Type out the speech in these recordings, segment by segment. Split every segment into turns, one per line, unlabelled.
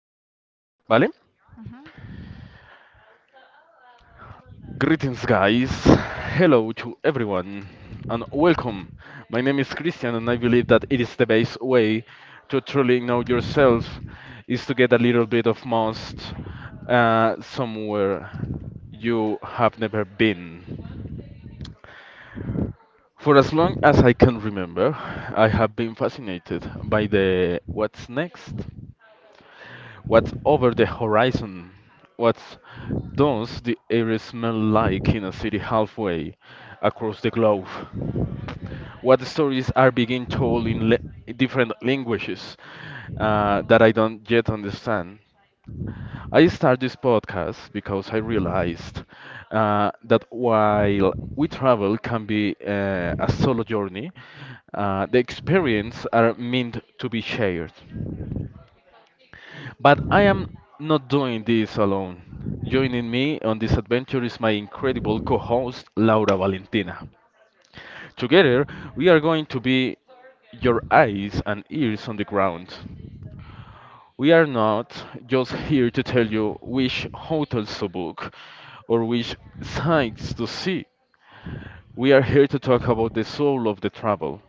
cuadras, ¿vale?
Mhm.
Greetings, guys. Hello to everyone. And welcome. My name is Christian, and I believe that it is the best way to truly know yourself is to get a little bit of most somewhere you have never been. For as long as I can remember, I have been fascinated by the what's next. What's over the horizon? What does the air smell like in a city halfway across the globe? What stories are being told in different languages, that I don't yet understand? I started this podcast because I realized that while we travel can be a solo journey, the experience are meant to be shared. But I am not doing this alone. Joining me on this adventure is my incredible co host, Laura Valentina. Together, we are going to be your eyes and ears on the ground. We are not just here to tell you which hotels to book or which sights to see. We are here to talk about the soul of the travel.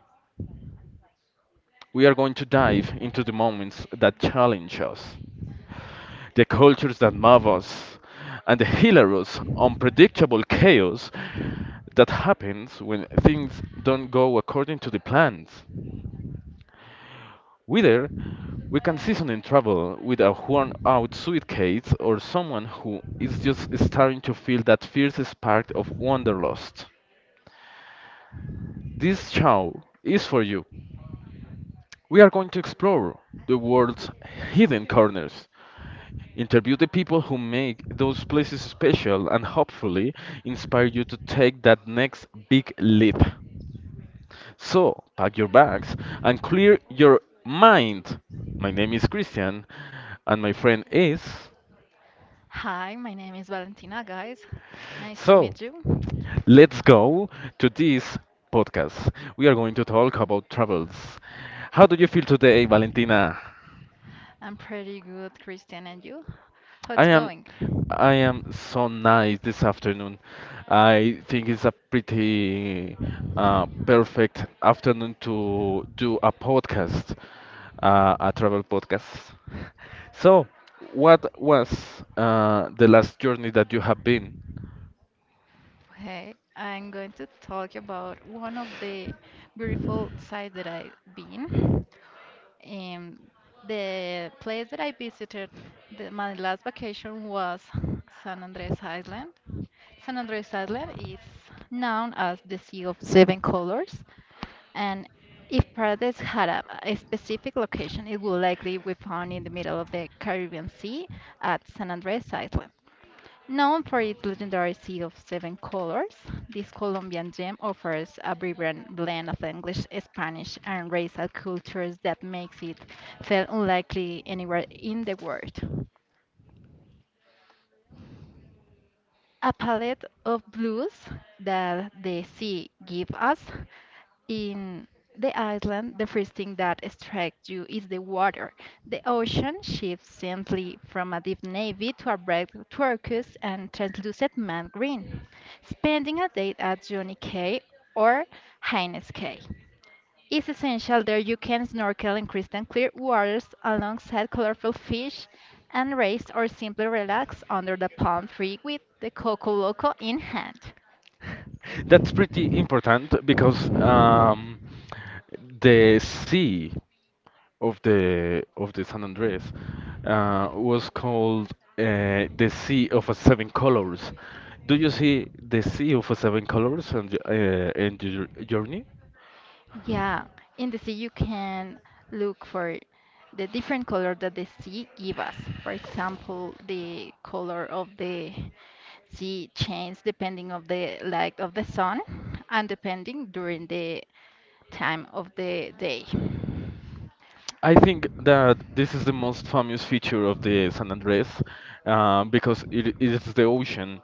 We are going to dive into the moments that challenge us, the cultures that move us, and the hilarious, unpredictable chaos that happens when things don't go according to the plans. Whether we can season in trouble with a worn out suitcase or someone who is just starting to feel that fierce spark of wanderlust, this show is for you. We are going to explore the world's hidden corners, interview the people who make those places special, and hopefully inspire you to take that next big leap. So, pack your bags and clear your mind. My name is Christian and my friend is.
Hi, my name is Valentina, guys. Nice to
So,
meet you.
let's go to this podcast. We are going to talk about travels. How do you feel today, Valentina?
I'm pretty good, Christian, and you? How
I
it's
am
going?
I am so nice this afternoon. I think it's a pretty perfect afternoon to do a podcast, a travel podcast. So, what was the last journey that you have been?
Okay, I'm going to talk about one of the beautiful sites that I've been. Um, the place that I visited, my last vacation was San Andres Island. San Andres Island is known as the Sea of Seven Colors, and if Paradise had a specific location, it would likely be found in the middle of the Caribbean Sea at San Andres Island. Known for its legendary sea of seven colors, this Colombian gem offers a vibrant blend of English, Spanish, and racial cultures that makes it feel unlikely anywhere in the world. A palette of blues that the sea gives us. In the island, the first thing that strikes you is the water. The ocean shifts gently from a deep navy to a bright turquoise and translucent matte green. Spending a day at Johnny Cay or Hines Cay is essential. There you can snorkel in crystal clear waters alongside colorful fish and race, or simply relax under the palm tree with the Coco Loco in hand.
That's pretty important because the sea of the San Andres was called the Sea of a Seven Colors. Do you see the Sea of a Seven Colors and, and your journey?
Yeah, in the sea you can look for the different color that the sea give us. For example, the color of the sea change depending of the light of the sun, and depending during the time of the day.
I think that this is the most famous feature of the San Andres, because it is the ocean,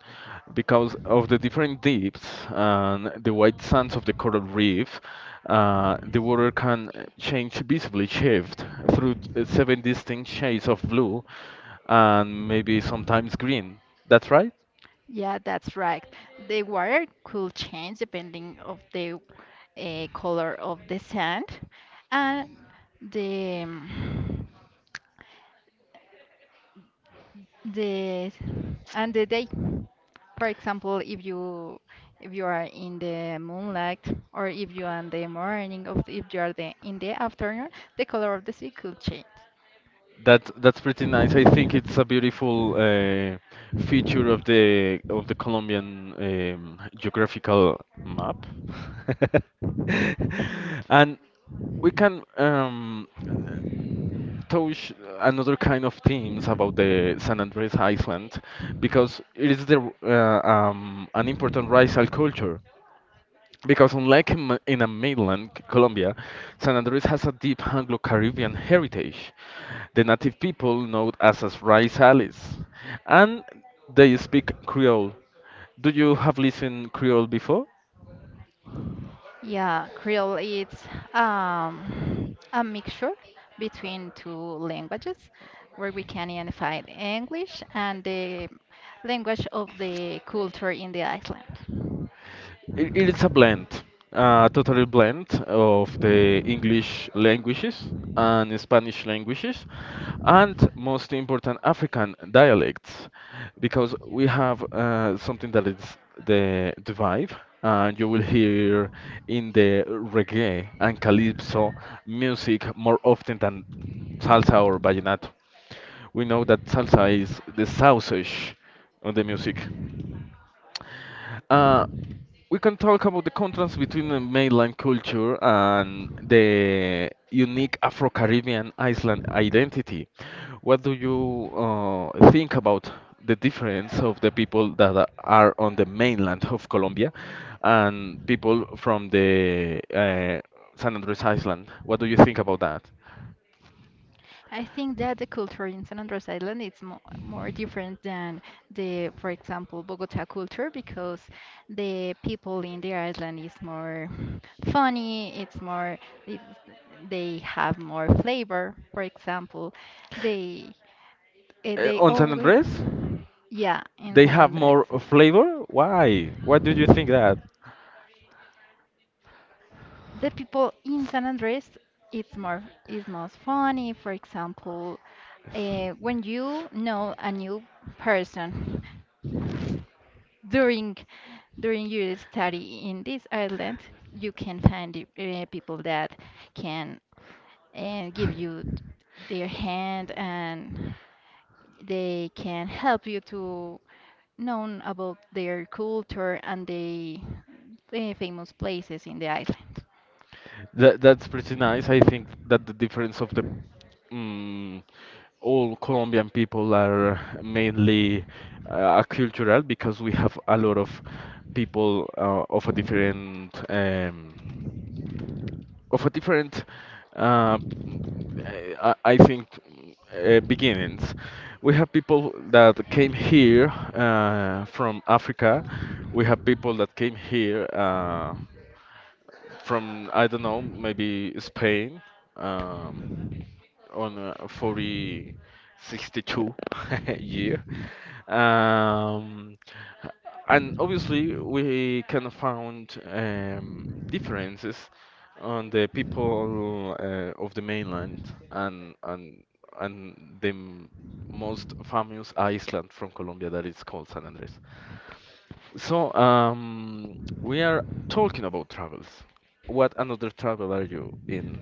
because of the different dips and the white sands of the coral reef. The water can change visibly, shift through seven distinct shades of blue and maybe sometimes green. That's right?
Yeah, that's right. The water could change depending of the color of the sand and the yes, and the day. For example, if you are in the moonlight, or if you are in the morning, or if you are in the afternoon, the color of the sea could change.
That that's pretty nice. I think it's a beautiful feature of the Colombian geographical map. And we can, touch another kind of themes about the San Andres Island because it is the an important racial culture. Because unlike in, in a mainland Colombia, San Andres has a deep Anglo-Caribbean heritage. The native people know us as Raizales, and they speak Creole. Do you have listened Creole before?
Yeah, Creole it's a mixture between two languages where we can identify the English and the language of the culture in the island.
It, it's a blend, a total blend of the English languages and Spanish languages, and most important African dialects, because we have, something that is the vibe, and you will hear in the reggae and calypso music more often than salsa or vallenato. We know that salsa is the sausage of the music. Uh, we can talk about the contrast between the mainland culture and the unique Afro-Caribbean Iceland identity. What do you think about the difference of the people that are on the mainland of Colombia and people from the, San Andres Island? What do you think about that?
I think that the culture in San Andres Island is mo more different than the, for example, Bogota culture, because the people in the island is more funny, it's more, it's, they have more flavor. For example, they
Uh,
they
on San
always,
Andres,
yeah, in
they
San
have
Andres.
more flavor. Why? Why do you think that?
The people in San Andres, it's more, is most funny. For example, when you know a new person during during your study in this island, you can find people that can give you their hand, and they can help you to know about their culture and they famous places in the island.
That that's pretty nice. I think that the difference of the mm, all Colombian people are mainly accultural because we have a lot of people, of a different uh, b- I think beginnings. We have people that came here from Africa. We have people that came here. From I don't know, maybe Spain, um, on 40, 62 year. Um, and obviously we can find, differences on the people, of the mainland and and the most famous island from Colombia that is called San Andres. So, we are talking about travels. What another travel are you in?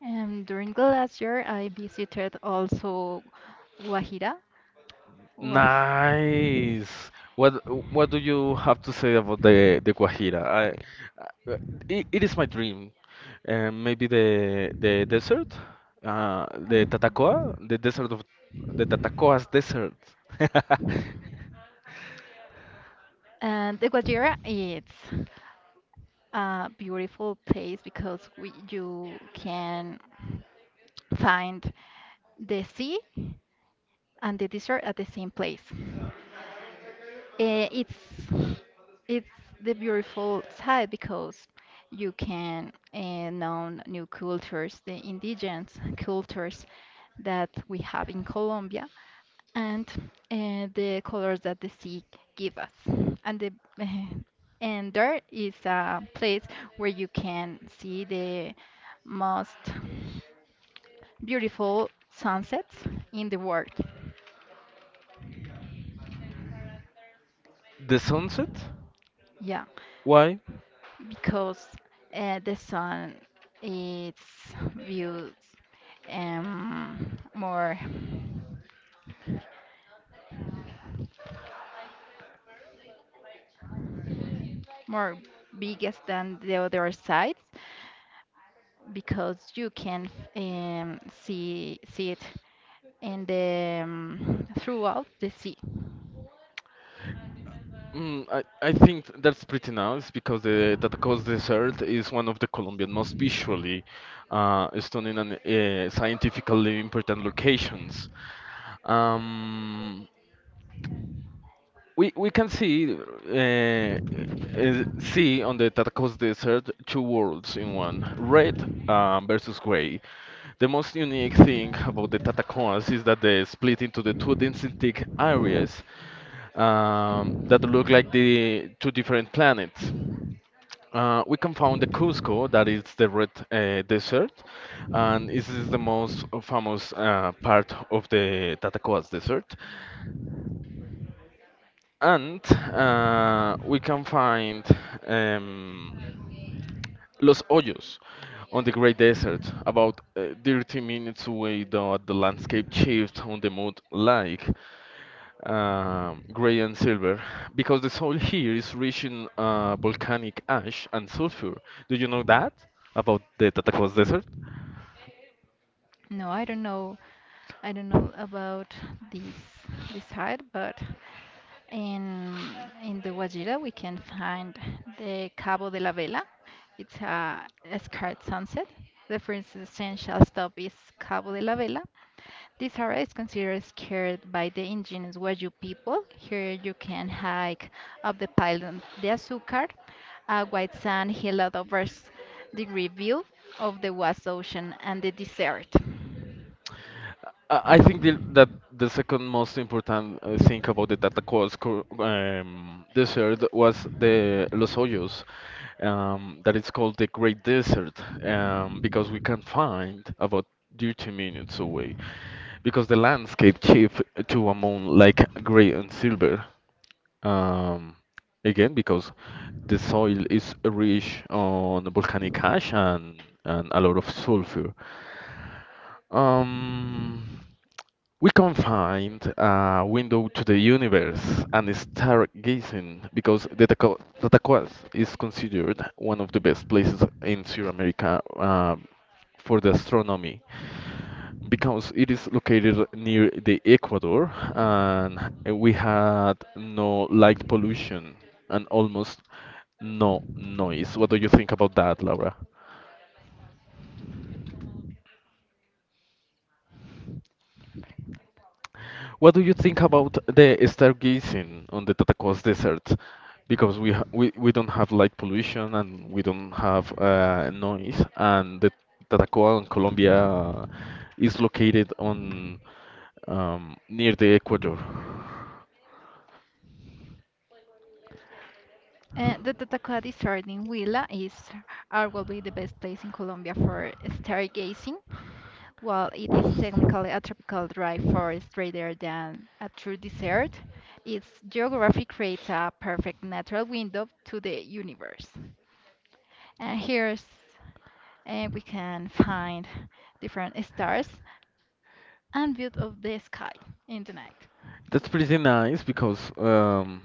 And during the last year, I visited also Guajira. Guaj
Nice. What what do you have to say about the Guajira? I it, it is my dream. Maybe the desert, the Tatacoa, the desert of the Tatacoa's desert.
And the Guajira is a beautiful place because you can find the sea and the desert at the same place. Eh, it's it's the beautiful side because you can know new cultures, the indigenous cultures that we have in Colombia, and the colors that the sea give us. And the eh, and there is a place where you can see the most beautiful sunsets in the world.
The sunset?
Yeah.
Why?
Because the sun is viewed um, more more biggest than the other sides, because you can see it in the throughout the sea.
Mm, I think that's pretty nice because the Tataco's dessert is one of the Colombian most visually stunning and scientifically important locations. Um, we can see see on the Tacos Desert two worlds in one, red, versus gray. The most unique thing about the Tatacoas is that they split into the two distinct areas, that look like the two different planets. We can find the Cusco, that is the red desert, and this is the most famous part of the Tatacoas Desert. And we can find, um, Los Hoyos on the Great Desert, about 30 minutes away, though the landscape shifts on the mood like, gray and silver, because the soil here is rich in volcanic ash and sulfur. Do you know that about the Tatacoas Desert?
No, I don't know. I don't know about this this side, but. In the Guajira, we can find the Cabo de la Vela. It's a scarred sunset. The first essential stop is Cabo de la Vela. This area is considered scared by the indigenous Wayuu people. Here you can hike up the pylon de Azúcar, a white sand hill that offers the view of the vast ocean and the desert.
I think the, that the second most important thing about the desert was the Los Hoyos, that it's called the Great Desert, because we can find about 30 minutes away, because the landscape shifted to a moon like gray and silver. Um, again, because the soil is rich on volcanic ash and a lot of sulfur. Um, we confined a window to the universe and stargazing because the the Tacoas is considered one of the best places in South America for the astronomy because it is located near the equator and we had no light pollution and almost no noise. What do you think about that, Laura? What do you think about the stargazing on the Tatacoas Desert? Because we don't have light pollution and we don't have noise, and the Tatacoa in Colombia is located on, near the equator.
And the Tatacoa Desert in Huila is arguably the best place in Colombia for stargazing. While it is technically a tropical dry forest rather than a true desert, its geography creates a perfect natural window to the universe. And here's and we can find different stars and view of the sky in the night.
That's pretty nice because,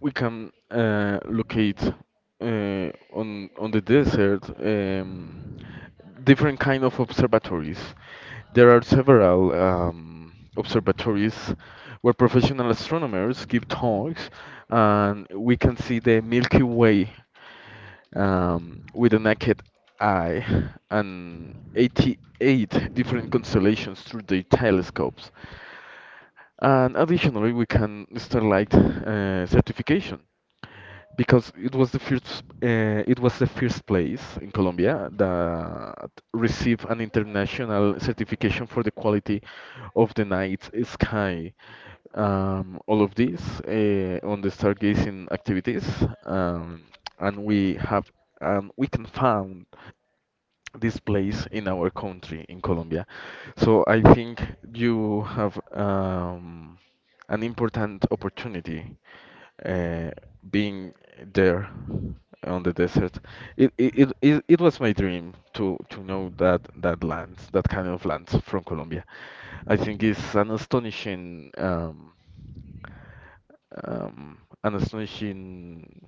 we can locate on the desert, different kind of observatories. There are several observatories where professional astronomers give talks, and we can see the Milky Way, with the naked eye and 88 different constellations through their telescopes. And additionally, we can start like certification because it was the first place in Colombia that received an international certification for the quality of the night sky. All of these on the stargazing activities, and we have we can found this place in our country in Colombia. So I think you have, an important opportunity, uh, being there on the desert. It was my dream to know that that land, that kind of land from Colombia. I think it's an astonishing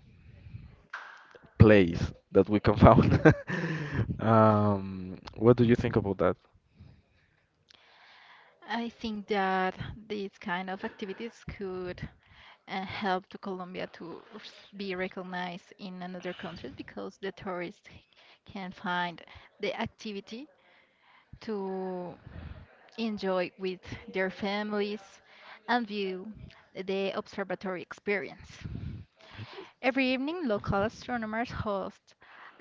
place that we can found. What do you think about that?
I think that these kind of activities could and help to Colombia to be recognized in another country, because the tourists can find the activity to enjoy with their families and view the observatory experience. Every evening, local astronomers host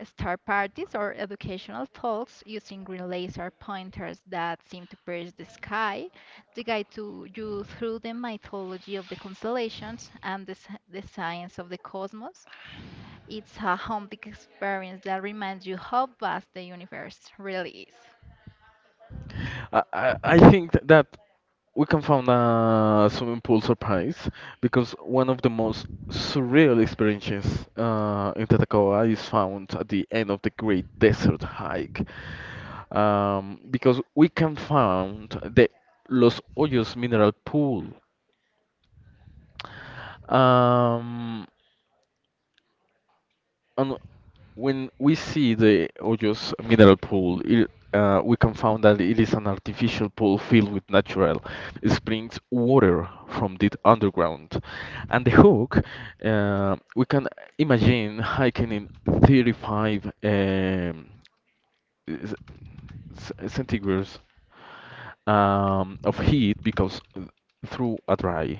star parties or educational talks using green laser pointers that seem to pierce the sky, to guide to you through the mythology of the constellations and the science of the cosmos. It's a humbling experience that reminds you how vast the universe really is.
I think that we can find a swimming pool surprise because one of the most surreal experiences in Tatacoa is found at the end of the Great Desert Hike, because we can find the Los Hoyos mineral pool. Um, and When we see the Hoyos mineral pool, it, we can find that it is an artificial pool filled with natural springs water from the underground. And the hook, we can imagine hiking in 35, c- centigrades of heat because through a dry.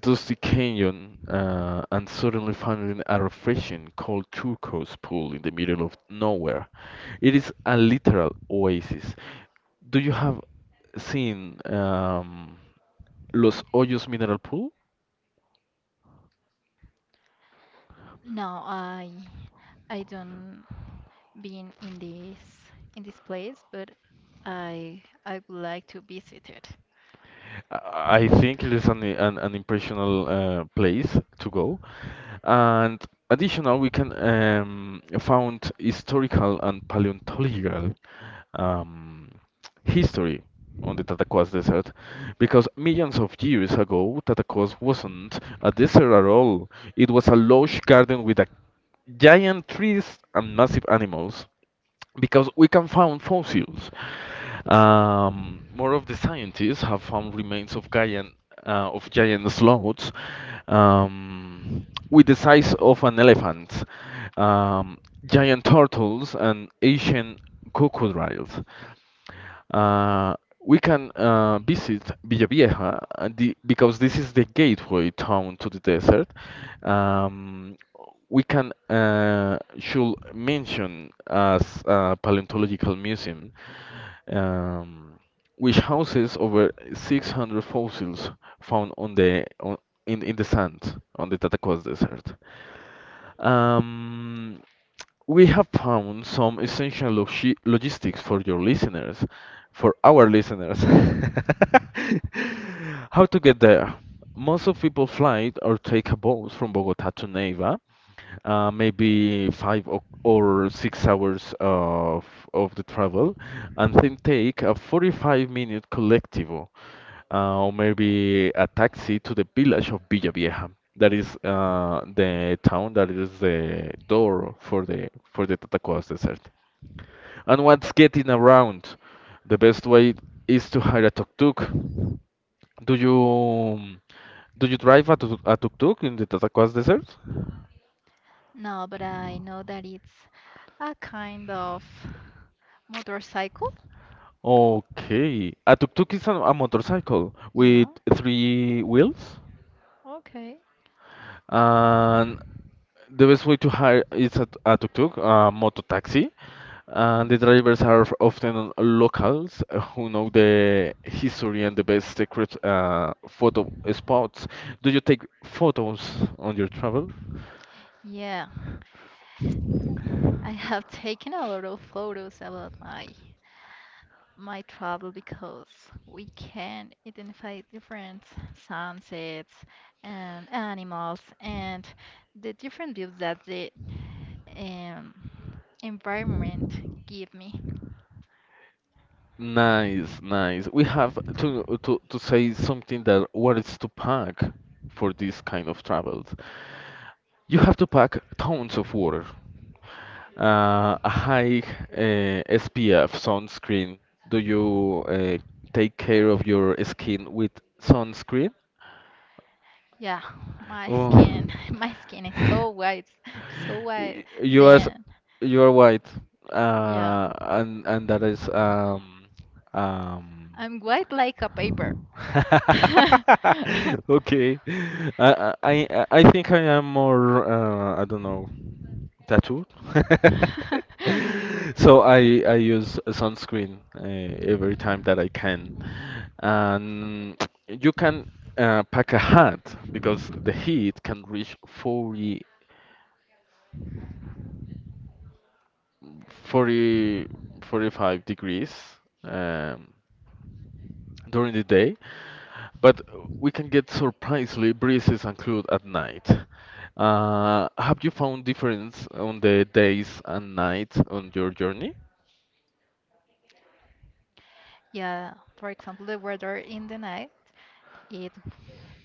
Does the canyon and suddenly finding a refreshing cold turquoise pool in the middle of nowhere. It is a literal oasis. Do you have seen, Los Hoyos Mineral Pool?
No, I don't been in this place, but I would like to visit it.
I think it is an impressional place to go. And additional, we can found historical and paleontological, um, history on the Tatacoas Desert because millions of years ago, Tatacoas wasn't a desert at all. It was a lush garden with a giant trees and massive animals because we can find fossils. More of the scientists have found remains of giant, of giant sloths, with the size of an elephant, um, giant turtles, and Asian crocodiles. Uh, we can visit Villavieja the, because this is the gateway town to the desert. Um, we can should mention as a paleontological museum, um, which houses over 600 fossils found on the on, in the sand on the Tatacoas Desert. Um, we have found some essential logistics for your listeners, for our listeners. How to get there? Most of people fly or take a boat from Bogota to Neiva, maybe five o- or 6 hours of the travel, and then take a 45-minute collectivo, or maybe a taxi to the village of Villa Vieja. That is the town that is the door for the Tatacoas desert. And what's getting around? The best way is to hire a tuk-tuk. Do you do you drive a tuk-tuk in the Tatacoas desert?
No, but I know that it's a kind of motorcycle.
Okay. A tuk-tuk is a motorcycle
Yeah,
with three wheels.
okay.
And the best way to hire is a tuk-tuk, a moto taxi. And the
Mhm.
drivers are often locals who know the history and the best secret photo spots. Do you take photos on your travel?
Yeah, I have taken a lot of photos about my travel, because we can identify different sunsets and animals and the different views that the um, environment give me.
Nice, nice. We have to say something that what is to pack for this kind of travels. You have to pack tons of water. A high SPF sunscreen. Do you take care of your skin with sunscreen?
Yeah, my
Oh.
skin, my skin is so white, so white.
You are
Then,
you are white,
yeah,
and that is um.
I'm white like a paper.
Okay, I I I think I am more I don't know tattoo. So I use a sunscreen every time that I can, and you can pack a hat because the heat can reach 40, 40 45 degrees um, during the day, but we can get surprisingly breezes and cold at night. Have you found difference on the days and nights on your journey?
Yeah, for example, the weather in the night, it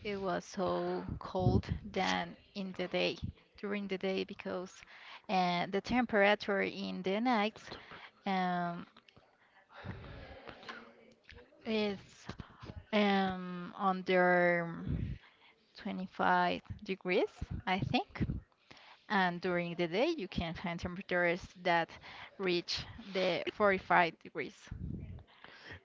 it was so cold than in the day, during the day, because the temperature in the night um is under 25 degrees, I think. And during the day, you can find temperatures that reach the 45 degrees.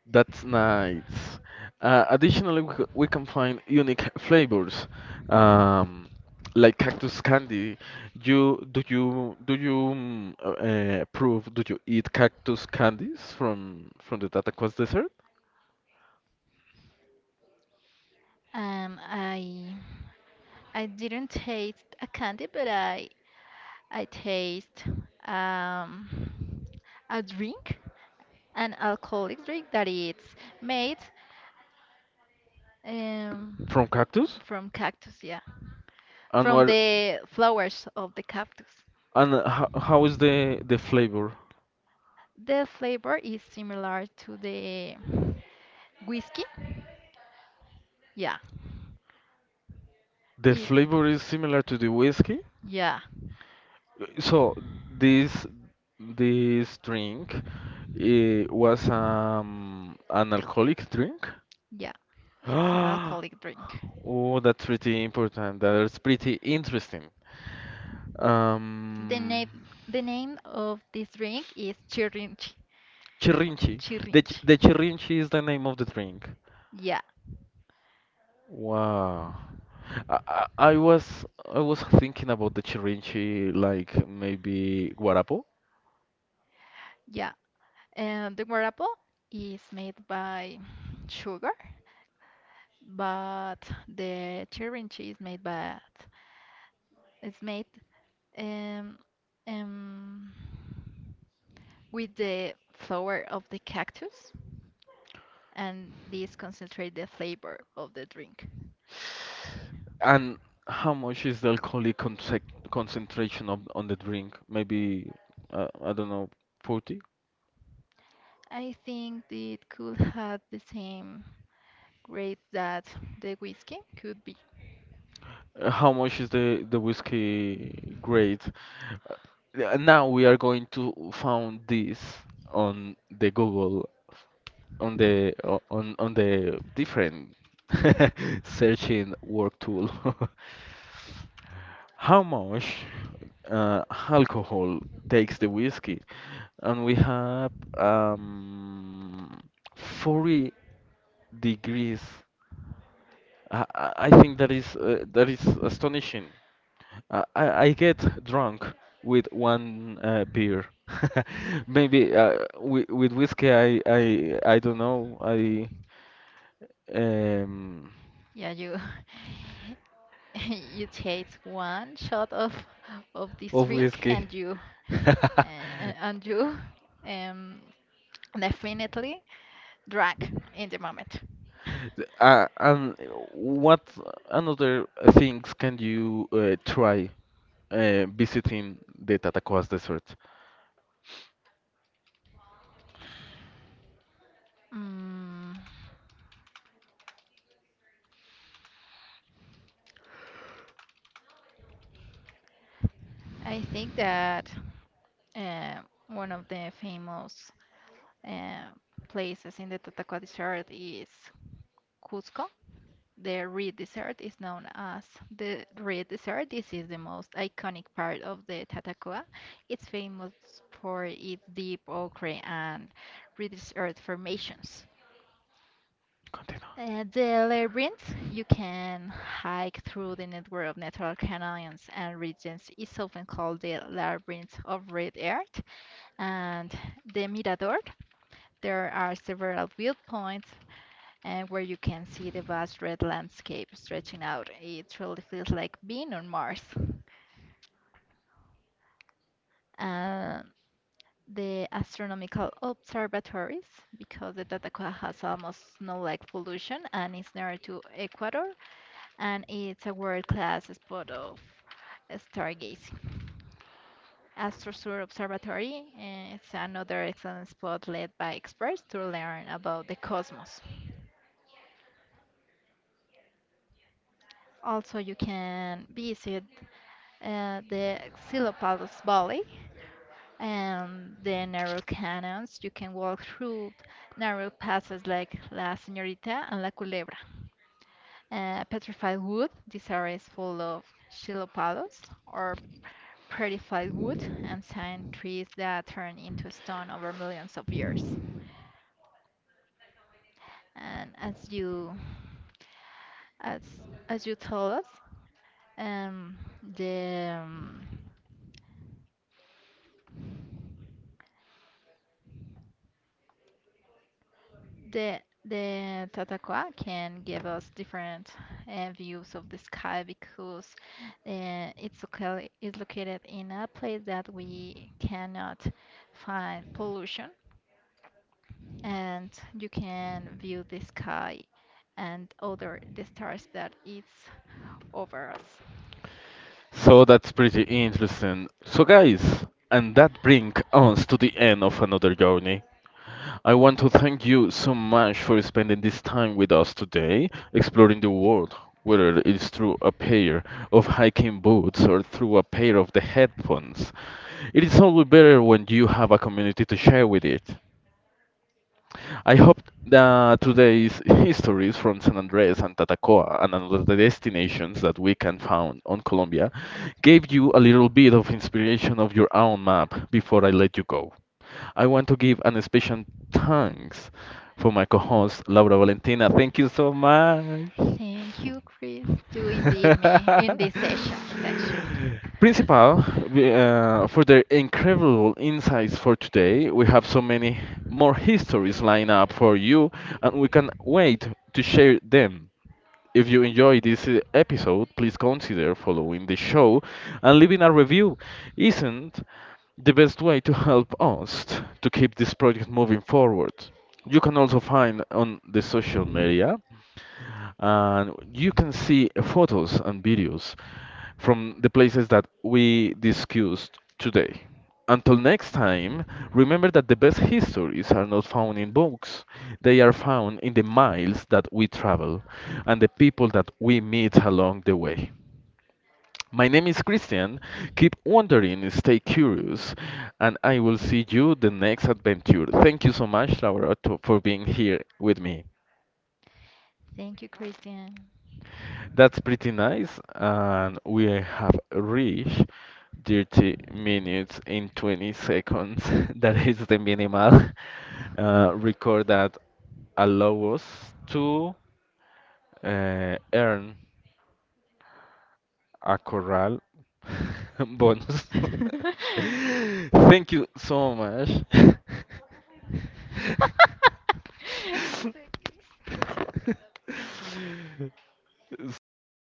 That's nice. Additionally, we can find unique flavors, um, like cactus candy. You do you do you mm, prove? Do you eat cactus candies from the Tatacoas desert
Um, I I didn't taste a candy, but I taste um, a drink, an alcoholic drink that it's made um,
from cactus?
from cactus, yeah,
And
from
what
the flowers of the cactus.
and how is the flavor?
The flavor is similar to the whiskey. Yeah.
The
It's
flavor is similar to the whiskey.
yeah,
So this this drink it was an alcoholic drink.
yeah. It's an alcoholic drink.
Oh, that's pretty important. That's pretty interesting.
The
Um,
name the name of this drink is chirrinchi.
Chirrinchi. The ch-
Chirrinchi.
the Chirrinchi is the name of the drink.
Yeah,
Wow. I was I was thinking about the Chirrinchi, like maybe Guarapo,
yeah. And the guarapo is made by sugar, but the chirrinchi is made by it's made um um with the flower of the cactus, and this concentrate the flavor of the drink.
and how much is the alcoholic conce concentration of on the drink? Maybe I don't know, 40.
I think it could have the same grade that the whiskey could be.
How much is the whiskey grade? Yeah, now we are going to found this on the Google, on the o- on the different searching work tool. How much alcohol takes the whiskey? And we have um, 40 degrees. I think that is astonishing. I get drunk with one beer. Maybe with whiskey, I don't know. I um
Yeah, you you take one shot of this
of
drink
whiskey.
and and you um definitely drunk in the moment.
And what another things can you try visiting the Tatacoas Desert?
Mm, I think that uh, one of the famous uh, places in the Tatacoa Desert is Cusco. The red dessert is known as the red dessert. This is the most iconic part of the Tatacoa. It's famous for its deep ochre and reddish earth formations.
Continue.
The labyrinth, you can hike through the network of natural canyons and regions, is often called the labyrinth of red earth. And the mirador, there are several viewpoints and where you can see the vast red landscape stretching out. It really feels like being on Mars. Uh, the astronomical observatories, because the Tatacoa has almost snow-like pollution and is near to Ecuador, and it's a world-class spot of stargazing. AstroSur Observatory is another excellent spot led by experts to learn about the cosmos. Also, you can visit the Xilopalus Valley, and the narrow canons. You can walk through narrow passes like La Señorita and La Culebra. Petrified wood, this area is full of chilopalos or petrified wood, ancient trees that turn into stone over millions of years. And as as you told us, um, the um, The the Tataqua can give us different views of the sky, because it's located in a place that we cannot find pollution, and you can view the sky and other the stars that it's over us.
So that's pretty interesting. So guys, and that brings us to the end of another journey. I want to thank you so much for spending this time with us today, exploring the world, whether it's through a pair of hiking boots or through a pair of the headphones. It is always better when you have a community to share with it. I hope that today's histories from San Andres and Tatacoa and other destinations that we can found on Colombia gave you a little bit of inspiration of your own map before I let you go. I want to give an special thanks for my co-host Laura Valentina. Thank you so much.
Thank you, Chris, to invite me in this session section.
Principal, for their incredible insights for today, we have so many more histories lined up for you, and we can't wait to share them. If you enjoyed this episode, please consider following the show and leaving a review. Isn't the best way to help us to keep this project moving forward. You can also find on the social media and you can see photos and videos from the places that we discussed today. Until next time, remember that the best histories are not found in books. They are found in the miles that we travel and the people that we meet along the way. My name is Christian. Keep wondering, stay curious, and I will see you the next adventure. Thank you so much, Laura, to, for being here with me.
Thank you, Christian.
That's pretty nice, and we have reached 30 minutes in 20 seconds. That is the minimal record that allow us to earn a corral bonus. Thank you so much. Stop.